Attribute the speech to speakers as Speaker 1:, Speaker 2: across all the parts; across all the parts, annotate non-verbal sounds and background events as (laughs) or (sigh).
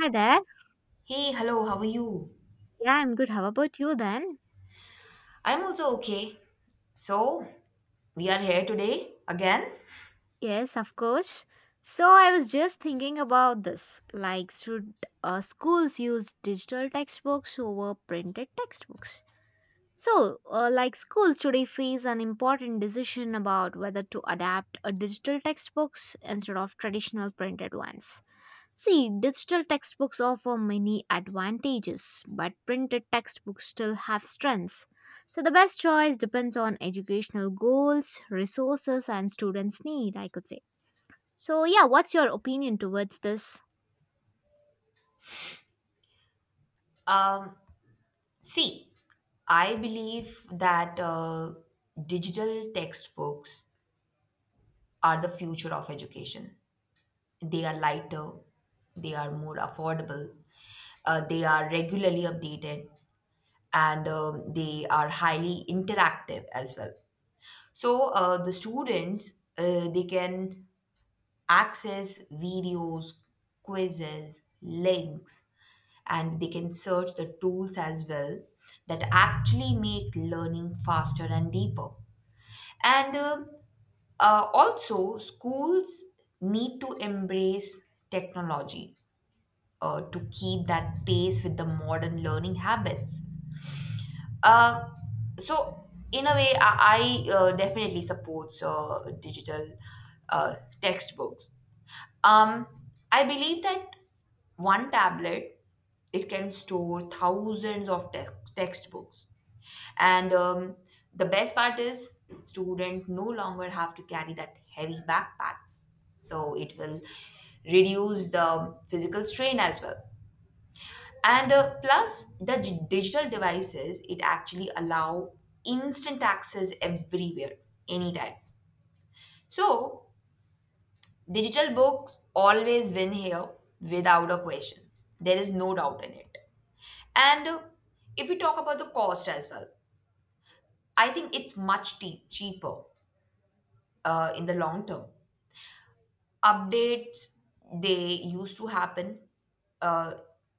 Speaker 1: Hi there.
Speaker 2: Hey, hello, how are you?
Speaker 1: Yeah, I'm good. How about you then?
Speaker 2: I'm also okay. So, we are here today again.
Speaker 1: Yes, of course. So I was just thinking about this. Should schools use digital textbooks over printed textbooks? So schools today face an important decision about whether to adapt a digital textbooks instead of traditional printed ones. See, digital textbooks offer many advantages, but printed textbooks still have strengths. So the best choice depends on educational goals, resources, and students' need, I could say. So, yeah, what's your opinion towards this?
Speaker 2: Um, See, I believe that digital textbooks are the future of education. They are lighter, they are more affordable, they are regularly updated, and they are highly interactive as well. So, the students they can access videos, quizzes, links, and they can search the tools as well that actually make learning faster and deeper. And also, schools need to embrace technology to keep that pace with the modern learning habits. Uh, so, in a way, I definitely supports digital uh, textbooks. um, I believe that one tablet, it can store thousands of textbooks, and the best part is students no longer have to carry that heavy backpacks, so it will reduce the physical strain as well. And plus, the digital devices, it actually allow instant access everywhere, anytime. So digital books always win here without a question. There is no doubt in it. And if we talk about the cost as well, I think it's much cheaper in the long term. Updates, they used to happen, uh,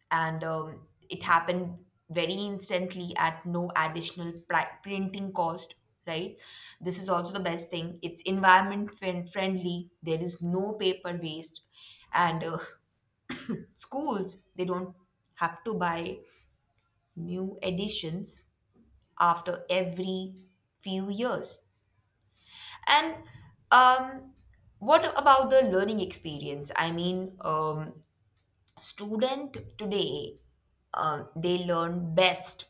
Speaker 2: and it happened very instantly at no additional printing cost, right? This is also the best thing. It's environment friendly. There is no paper waste. And (laughs) Schools, they don't have to buy new editions after every few years. And um, what about the learning experience? I mean, student today, they learn best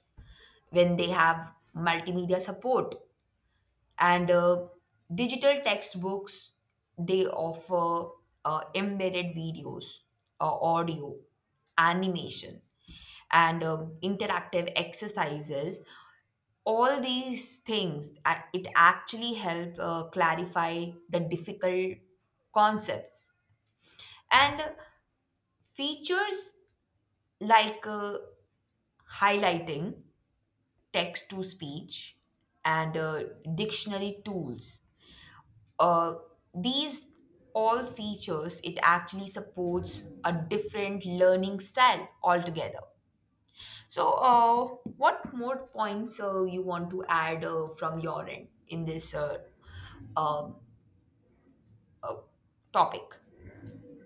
Speaker 2: when they have multimedia support, and digital textbooks, they offer embedded videos, audio, animation, and interactive exercises. All these things it actually help clarify the difficult concepts. And features like highlighting, text to speech, and dictionary tools, uh, these all features, it actually supports a different learning style altogether. So what more points you want to add from your end in this um topic?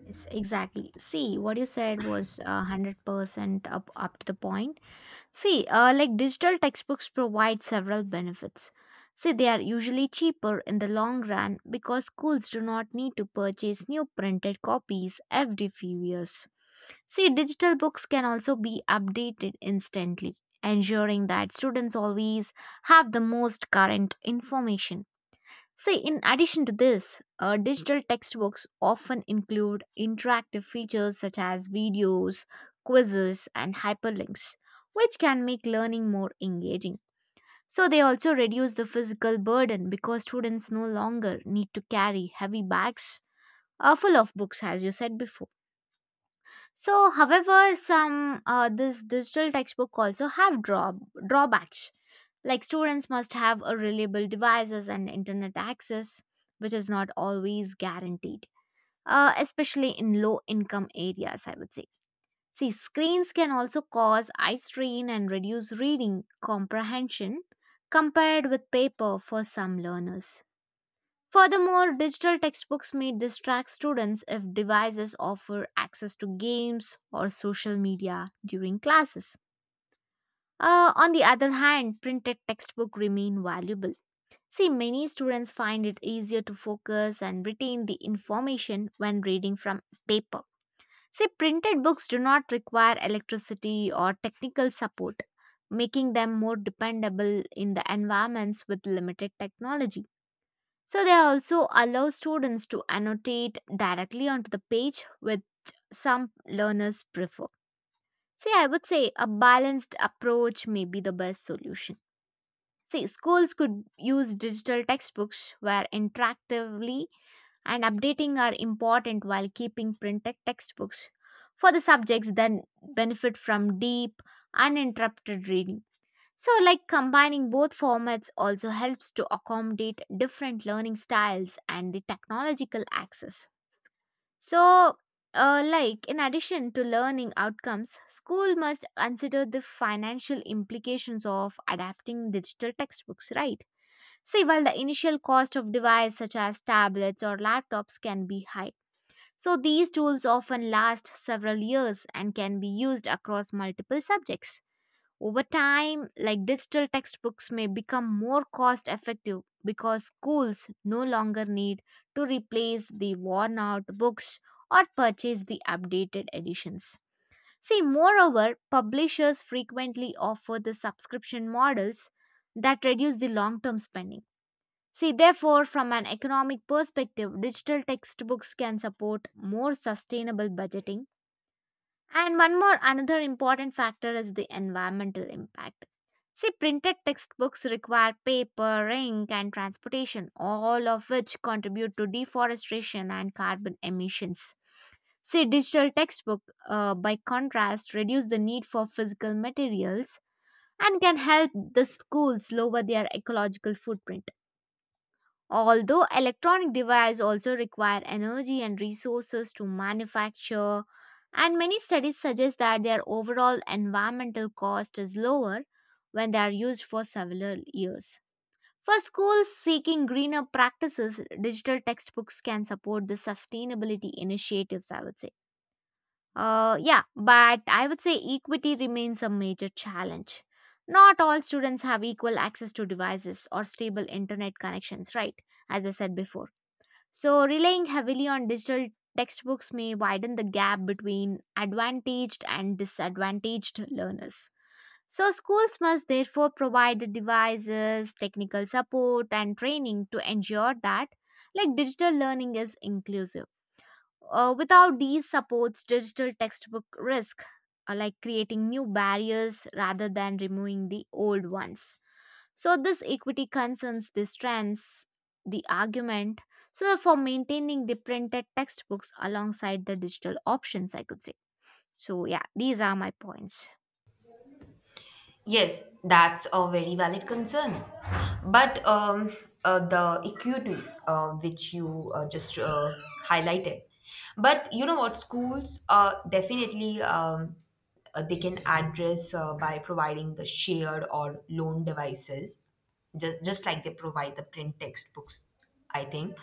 Speaker 1: Yes, exactly. See, what you said was 100% up to the point. See, like digital textbooks provide several benefits. See, they are usually cheaper in the long run because schools do not need to purchase new printed copies every few years. See, digital books can also be updated instantly, ensuring that students always have the most current information. See, in addition to this, digital textbooks often include interactive features such as videos, quizzes, and hyperlinks, which can make learning more engaging. So, they also reduce the physical burden because students no longer need to carry heavy bags full of books, as you said before. So, however, some this digital textbook also have drawbacks like students must have a reliable devices and internet access, which is not always guaranteed, especially in low income areas, I would say. See, screens can also cause eye strain and reduce reading comprehension compared with paper for some learners. Furthermore, digital textbooks may distract students if devices offer access to games or social media during classes. On the other hand, printed textbooks remain valuable. See, many students find it easier to focus and retain the information when reading from paper. See, printed books do not require electricity or technical support, making them more dependable in the environments with limited technology. So, they also allow students to annotate directly onto the page, which some learners prefer. See, I would say a balanced approach may be the best solution. See, schools could use digital textbooks where interactively and updating are important while keeping printed textbooks for the subjects that benefit from deep, uninterrupted reading. So, like combining both formats also helps to accommodate different learning styles and the technological access. So, like in addition to learning outcomes, school must consider the financial implications of adapting digital textbooks, right? See, while the initial cost of devices such as tablets or laptops can be high, so these tools often last several years and can be used across multiple subjects. Over time, like digital textbooks may become more cost effective because schools no longer need to replace the worn out books or purchase the updated editions. See, moreover, publishers frequently offer the subscription models that reduce the long term spending. See, therefore, from an economic perspective, digital textbooks can support more sustainable budgeting. And one more another important factor is the environmental impact. See, printed textbooks require paper, ink, and transportation, all of which contribute to deforestation and carbon emissions. See, digital textbook, by contrast, reduce the need for physical materials and can help the schools lower their ecological footprint. Although electronic devices also require energy and resources to manufacture, and many studies suggest that their overall environmental cost is lower when they are used for several years. For schools seeking greener practices, digital textbooks can support the sustainability initiatives, I would say. Yeah, but I would say equity remains a major challenge. Not all students have equal access to devices or stable internet connections, right? As I said before. So, relying heavily on digital textbooks may widen the gap between advantaged and disadvantaged learners. So, schools must therefore provide the devices, technical support, and training to ensure that like digital learning is inclusive. Without these supports, digital textbook risk like creating new barriers rather than removing the old ones. So this equity concerns the strands, the argument, so for maintaining the printed textbooks alongside the digital options, I could say. So yeah, these are my points.
Speaker 2: Yes, that's a very valid concern. But the equity which you just highlighted, but you know what, schools definitely, they can address by providing the shared or loan devices, just like they provide the print textbooks, I think.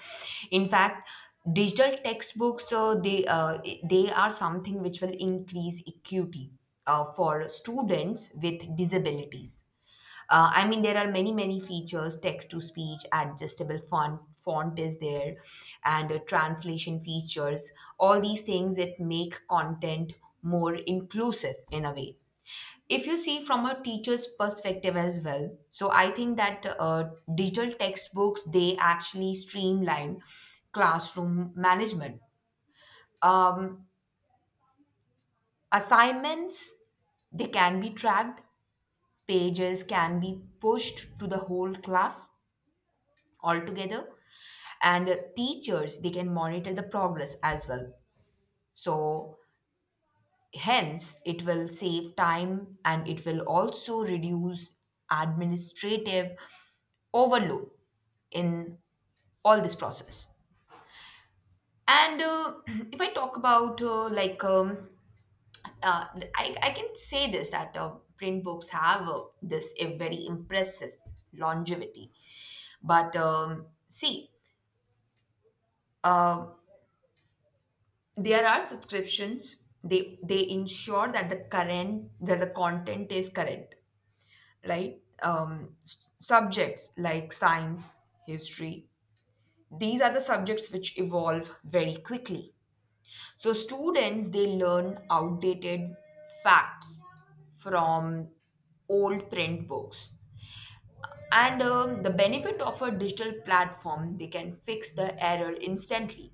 Speaker 2: In fact, digital textbooks, they are something which will increase equity for students with disabilities. I mean, there are many, many features, text to speech, adjustable font, font is there, and translation features. All these things that make content more inclusive in a way. If you see from a teacher's perspective as well, so I think that digital textbooks, they actually streamline classroom management. Um, Assignments, they can be tracked, pages can be pushed to the whole class altogether, and teachers, they can monitor the progress as well. So hence it will save time and it will also reduce administrative overload in all this process. And (clears throat) If I talk about uh, I can say this that print books have this a very impressive longevity. But see, there are subscriptions, they ensure that the current, that the content is current, right? Subjects like science, history, these are the subjects which evolve very quickly. So students, they learn outdated facts from old print books. And the benefit of a digital platform, they can fix the error instantly.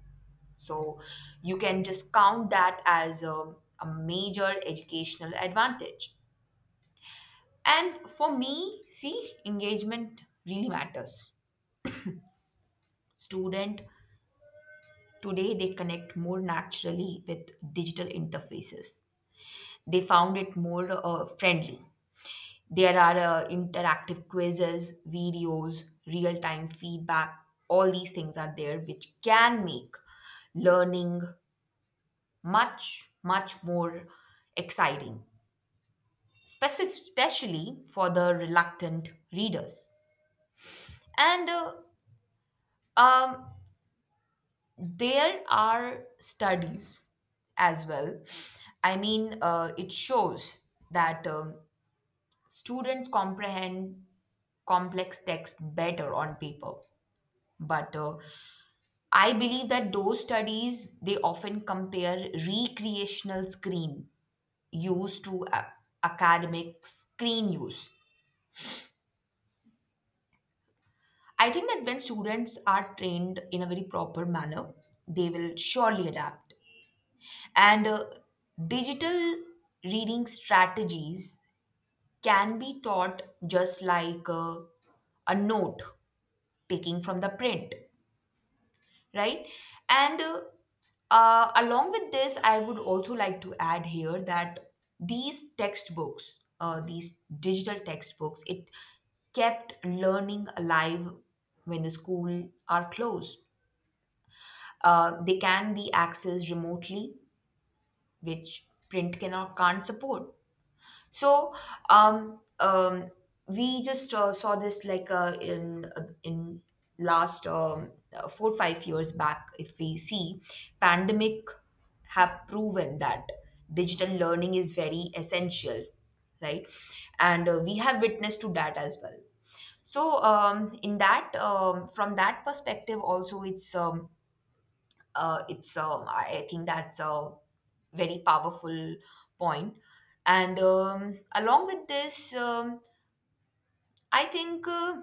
Speaker 2: So you can just count that as a major educational advantage. And for me, see, engagement really matters. Student today, they connect more naturally with digital interfaces. They found it more friendly. There are interactive quizzes, videos, real time feedback. All these things are there, which can make learning much, much more exciting, especially for the reluctant readers. And um, there are studies as well. I mean, it shows that students comprehend complex text better on paper, but I believe that those studies, they often compare recreational screen use to academic screen use. I think that when students are trained in a very proper manner, they will surely adapt. And digital reading strategies can be taught just like a note taking from the print. Right. And along with this, I would also like to add here that these textbooks, these digital textbooks, it kept learning alive when the school are closed. They can be accessed remotely, which print cannot can't support. So um, um, we just saw this like in in last, 4-5 years back. If we see, pandemic have proven that digital learning is very essential, right? And we have witnessed to that as well. So in that, from that perspective, also it's I think that's a very powerful point. And along with this, I think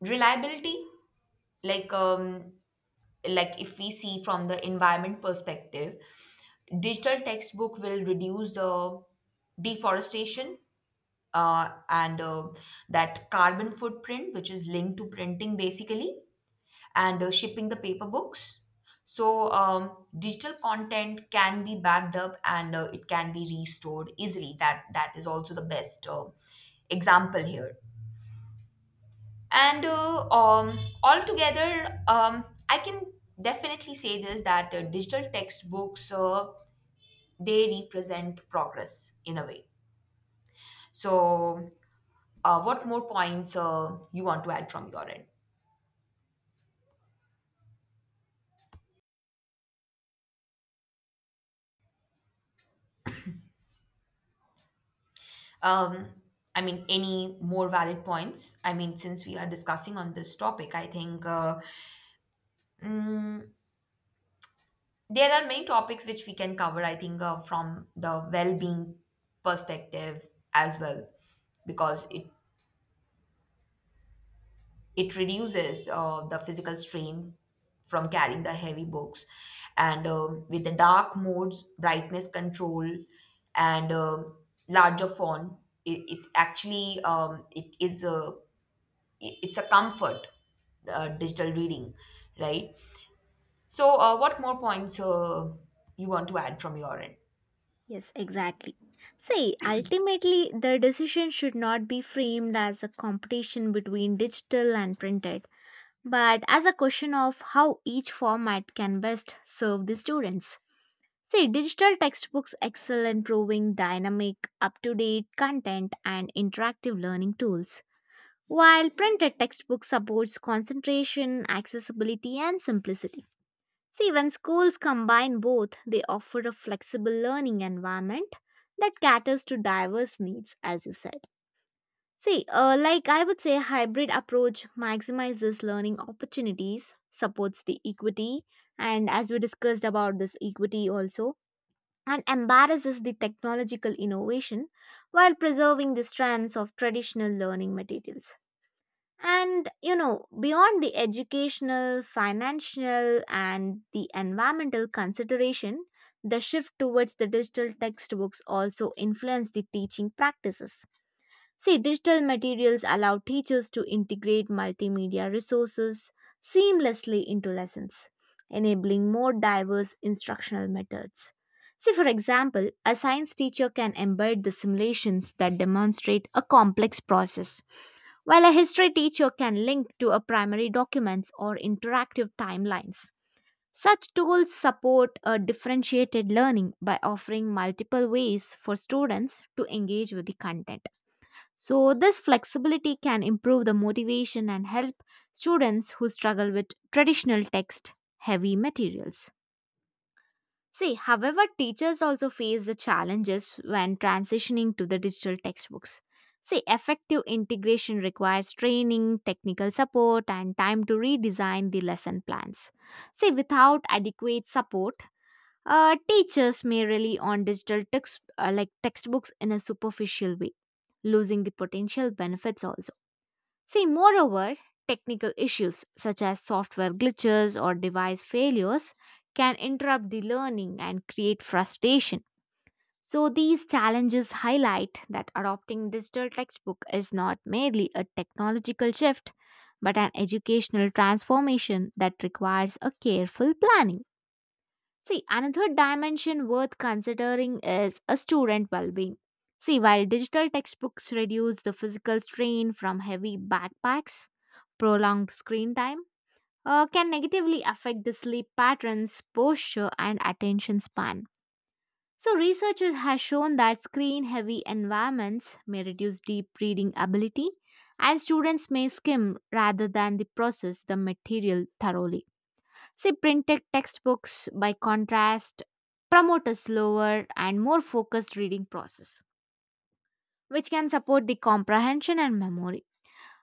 Speaker 2: reliability, like um, like if we see from the environment perspective, digital textbook will reduce deforestation, and that carbon footprint, which is linked to printing, basically, and shipping the paper books. So, digital content can be backed up, and it can be restored easily. That is also the best example here. And altogether, I can definitely say this that digital textbooks, they represent progress in a way. So, what more points you want to add from your end? Um, I mean, any more valid points? I mean, since we are discussing on this topic, I think mm, there are many topics which we can cover, I think, from the well being perspective as well, because it reduces the physical strain from carrying the heavy books. And with the dark modes, brightness control, and larger font, it actually it's a comfort, digital reading, right? So what more points you want to add from your end?
Speaker 1: Yes, exactly. See, ultimately, the decision should not be framed as a competition between digital and printed, but as a question of how each format can best serve the students. See, digital textbooks excel in proving dynamic, up to date content and interactive learning tools, while printed textbooks supports concentration, accessibility, and simplicity. See, when schools combine both, they offer a flexible learning environment that caters to diverse needs, as you said. See, I would say, hybrid approach maximizes learning opportunities, supports the equity, and as we discussed about this equity also and embarrasses the technological innovation while preserving the strands of traditional learning materials. And you know, beyond the educational, financial, and the environmental consideration, the shift towards the digital textbooks also influenced the teaching practices. See, digital materials allow teachers to integrate multimedia resources seamlessly into lessons, enabling more diverse instructional methods. See, for example, a science teacher can embed the simulations that demonstrate a complex process, while a history teacher can link to a primary documents or interactive timelines. Such tools support a differentiated learning by offering multiple ways for students to engage with the content. So, this flexibility can improve the motivation and help students who struggle with traditional text heavy materials. See, however, teachers also face the challenges when transitioning to the digital textbooks. See, effective integration requires training, technical support, and time to redesign the lesson plans. See, without adequate support, teachers may rely on digital textbooks in a superficial way, losing the potential benefits also. See, moreover, technical issues such as software glitches or device failures can interrupt the learning and create frustration. So, these challenges highlight that adopting digital textbook is not merely a technological shift, but an educational transformation that requires a careful planning. See, another dimension worth considering is a student well-being. See, while digital textbooks reduce the physical strain from heavy backpacks, prolonged screen time can negatively affect the sleep patterns, posture, and attention span. So, researchers have shown that screen-heavy environments may reduce deep reading ability, and students may skim rather than the process the material thoroughly. See, printed textbooks, by contrast, promote a slower and more focused reading process, which can support the comprehension and memory.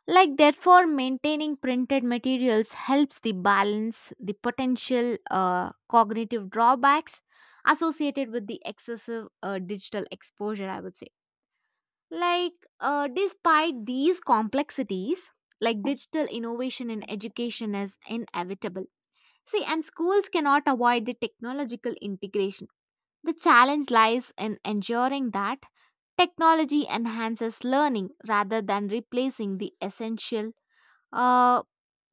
Speaker 1: Like, therefore, maintaining printed materials helps the balance the potential cognitive drawbacks associated with the excessive digital exposure, I would say. Like, despite these complexities, like digital innovation in education is inevitable. See, and schools cannot avoid the technological integration. The challenge lies in ensuring that technology enhances learning rather than replacing the essential uh,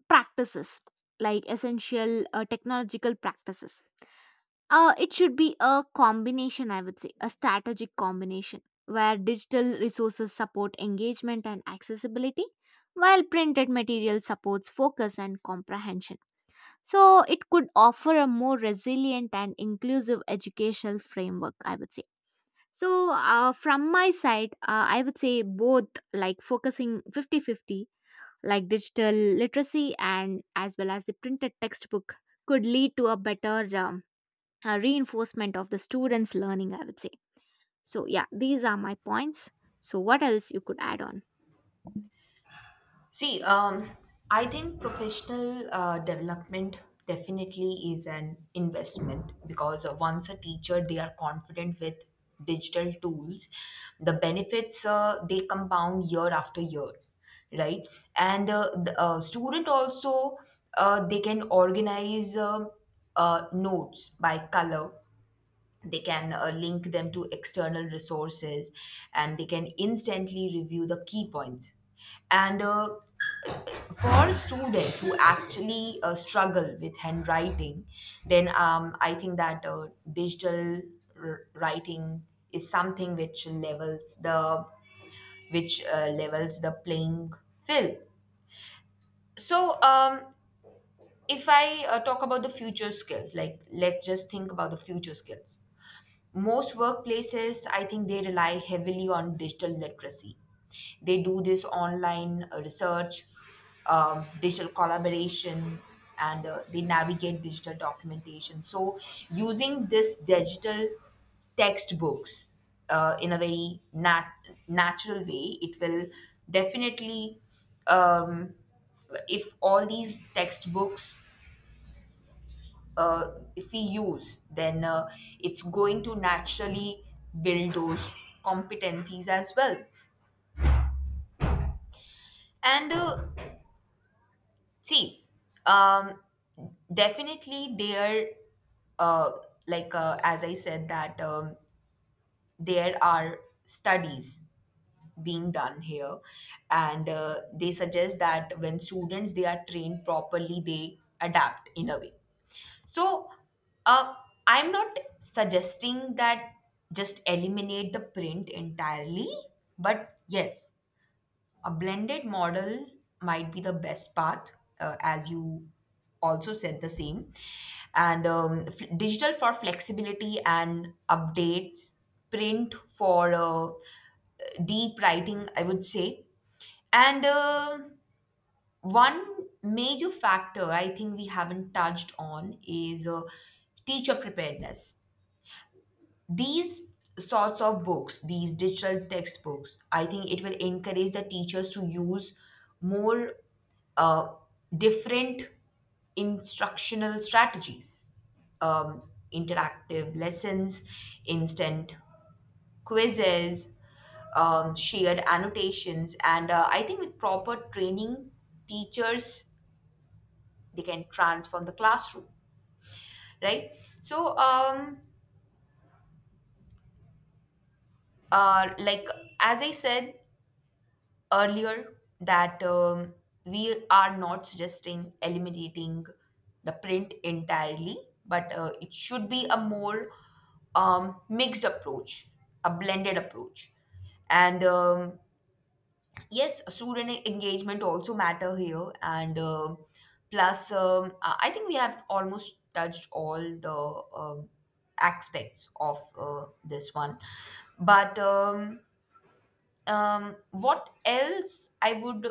Speaker 1: practices, like essential technological practices. It should be a combination, I would say, a strategic combination where digital resources support engagement and accessibility, while printed material supports focus and comprehension. So it could offer a more resilient and inclusive educational framework, I would say. So, from my side, I would say both like focusing fifty-fifty, like digital literacy and as well as the printed textbook, could lead to a better reinforcement of the students' learning, I would say. So, yeah, these are my points. So, what else you could add on?
Speaker 2: See, I think professional development definitely is an investment, because once a teacher, they are confident with digital tools, the benefits, they compound year after year, right? And the student also, they can organize, notes by color. They can link them to external resources, and they can instantly review the key points. And for students who actually struggle with handwriting, then I think that digital writing is something which levels the, which levels the playing field. So if I talk about the future skills, like let's just think about the future skills. Most workplaces, I think they rely heavily on digital literacy. They do this online research, digital collaboration, and they navigate digital documentation. So, using this digital textbooks in a very natural way, it will definitely, um, if all these textbooks, uh, if we use, then it's going to naturally build those competencies as well. And see, um, definitely there, uh, as I said, that there are studies being done here, and they suggest that when students, they are trained properly, they adapt in a way. So, uh, I'm not suggesting that just eliminate the print entirely, but yes, a blended model might be the best path, as you also said the same. And digital for flexibility and updates, print for deep writing, I would say. And one major factor I think we haven't touched on is teacher preparedness. These sorts of books, these digital textbooks, I think it will encourage the teachers to use more uh, different instructional strategies, um, interactive lessons, instant quizzes, shared annotations, and I think with proper training, teachers, they can transform the classroom, right? So like, as I said earlier, that we are not suggesting eliminating the print entirely, but it should be a more, mixed approach, a blended approach. And yes, student engagement also matter here. And plus, I think we have almost touched all the um, aspects of this one. But what else I would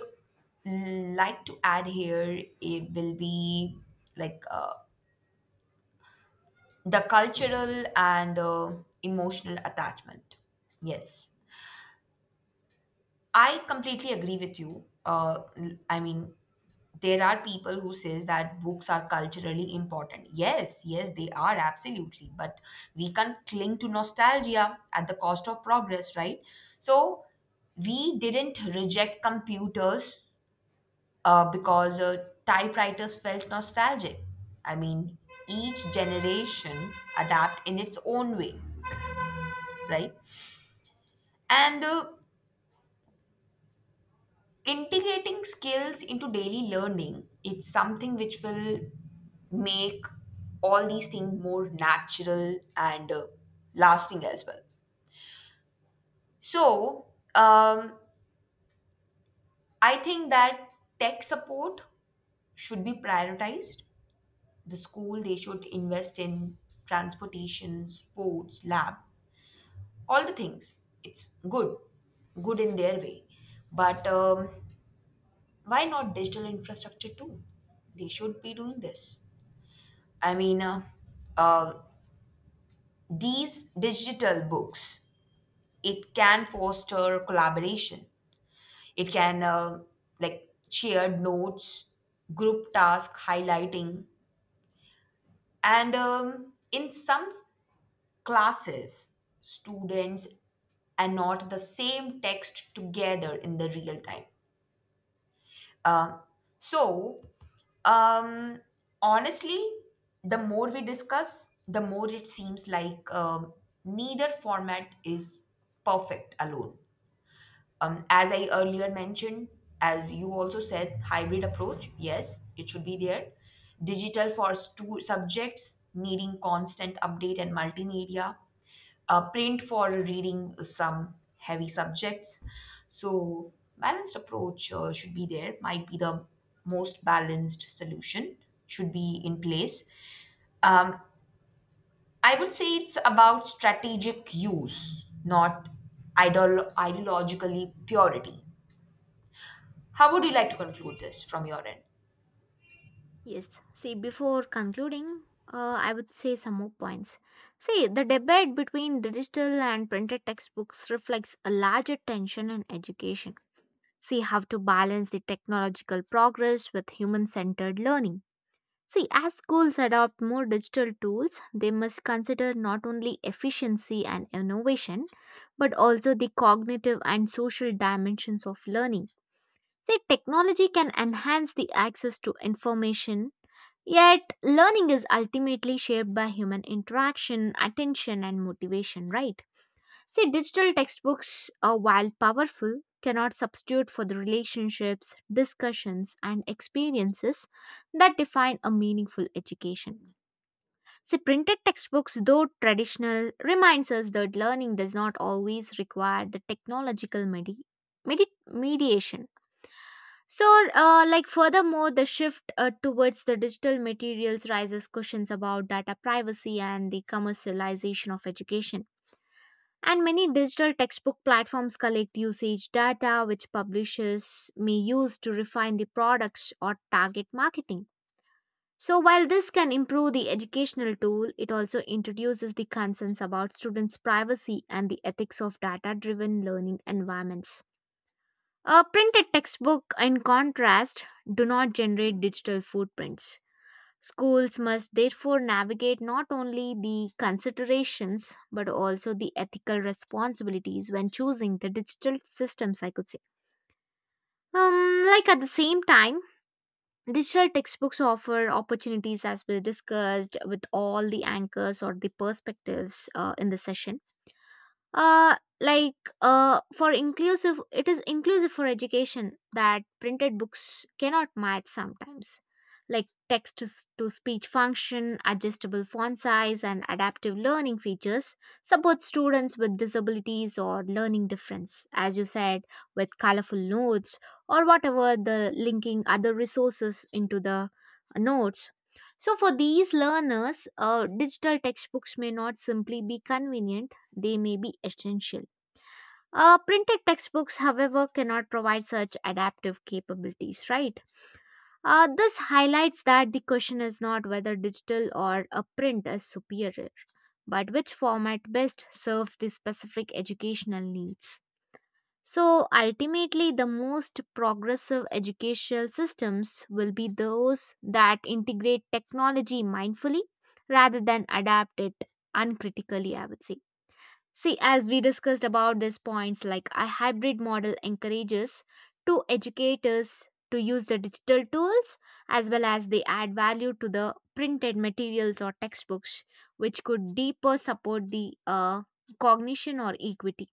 Speaker 2: like to add here, it will be like the cultural and emotional attachment. Yes, I completely agree with you. I mean, there are people who says that books are culturally important. Yes, yes, they are absolutely. But we can cling to nostalgia at the cost of progress, right? So we didn't reject computers because typewriters felt nostalgic. I mean, each generation adapt in its own way, right? And integrating skills into daily learning, it's something which will make all these things more natural and lasting as well. So um, I think that tech support should be prioritized. The school, they should invest in transportation, sports lab, all the things. It's good, good in their way. But why not digital infrastructure too? They should be doing this. I mean, uh, these digital books, it can foster collaboration. It can, like, shared notes, group task highlighting, and in some classes, students annotate the same text together in the real time. Um, so, um, honestly, the more we discuss, the more it seems like neither format is perfect alone. As I earlier mentioned, as you also said, hybrid approach, yes, it should be there. Digital for two subjects needing constant update and multimedia, print for reading some heavy subjects. So, balanced approach should be there, might be the most balanced solution, should be in place. Um, I would say it's about strategic use, not ideologically purity. How would you like to conclude this from your end?
Speaker 1: Yes. See, before concluding, I would say some more points. See, the debate between digital and printed textbooks reflects a larger tension in education. See, how to balance the technological progress with human centered learning. See, as schools adopt more digital tools, they must consider not only efficiency and innovation, but also the cognitive and social dimensions of learning. See, technology can enhance the access to information, yet learning is ultimately shaped by human interaction, attention, and motivation, right? See, digital textbooks, while powerful, cannot substitute for the relationships, discussions, and experiences that define a meaningful education. See, printed textbooks, though traditional, reminds us that learning does not always require the technological mediation. So, furthermore, the shift towards the digital materials raises questions about data privacy and the commercialization of education. And many digital textbook platforms collect usage data, which publishers may use to refine the products or target marketing. So, while this can improve the educational tool, it also introduces the concerns about students' privacy and the ethics of data driven learning environments. A printed textbook, in contrast, do not generate digital footprints. Schools must therefore navigate not only the considerations but also the ethical responsibilities when choosing the digital systems, I could say. At the same time, digital textbooks offer opportunities as we discussed with all the anchors or the perspectives in the session, uh like for inclusive, it is inclusive for education that printed books cannot match sometimes, like text to speech function, adjustable font size, and adaptive learning features support students with disabilities or learning difference, as you said, with colorful notes or whatever the linking other resources into the notes. So for these learners, digital textbooks may not simply be convenient, they may be essential. Printed textbooks, however, cannot provide such adaptive capabilities, right? This highlights that the question is not whether digital or a print is superior, but which format best serves the specific educational needs. So ultimately, the most progressive educational systems will be those that integrate technology mindfully rather than adapt it uncritically, I would say. See, as we discussed about these points, like a hybrid model encourages to educators to use the digital tools as well as they add value to the printed materials or textbooks, which could deeper support the cognition or equity.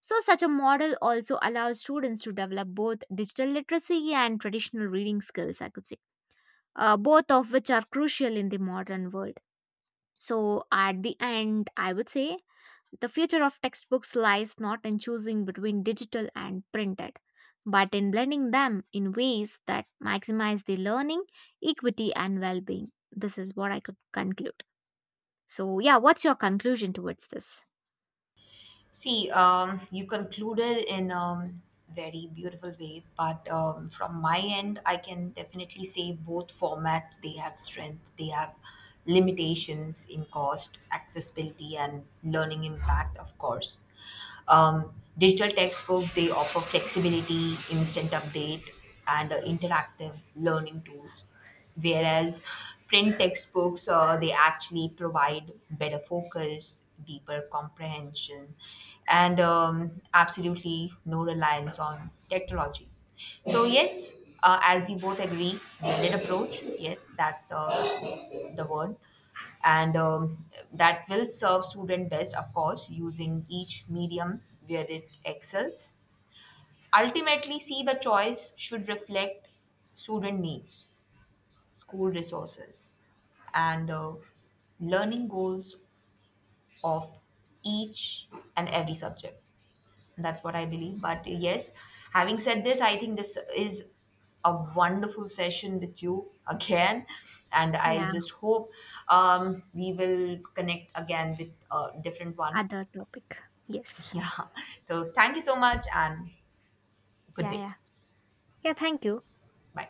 Speaker 1: So, such a model also allows students to develop both digital literacy and traditional reading skills, I could say, both of which are crucial in the modern world. So, at the end, I would say the future of textbooks lies not in choosing between digital and printed, but in blending them in ways that maximize the learning, equity, and well being. This is what I could conclude. So, yeah, what's your conclusion towards this?
Speaker 2: See, you concluded in a very beautiful way, but from my end, I can definitely say both formats, they have strength, they have limitations in cost, accessibility, and learning impact, of course. Um, Digital textbooks, they offer flexibility, instant update, and interactive learning tools. Whereas print textbooks, they actually provide better focus, deeper comprehension, and absolutely no reliance on technology. So yes, as we both agree, blended approach. Yes, that's the word, and that will serve student best, of course, using each medium where it excels. Ultimately, see, the choice should reflect student needs, school resources, and learning goals of each and every subject. That's what I believe. But yes, having said this, I think this is a wonderful session with you again. And I
Speaker 1: Yeah,
Speaker 2: just hope we will connect again with a different one.
Speaker 1: other
Speaker 2: (laughs)
Speaker 1: topic. Yes.
Speaker 2: Yeah. So thank you so much and good
Speaker 1: Yeah,
Speaker 2: day.
Speaker 1: yeah. Yeah, thank you.
Speaker 2: Bye.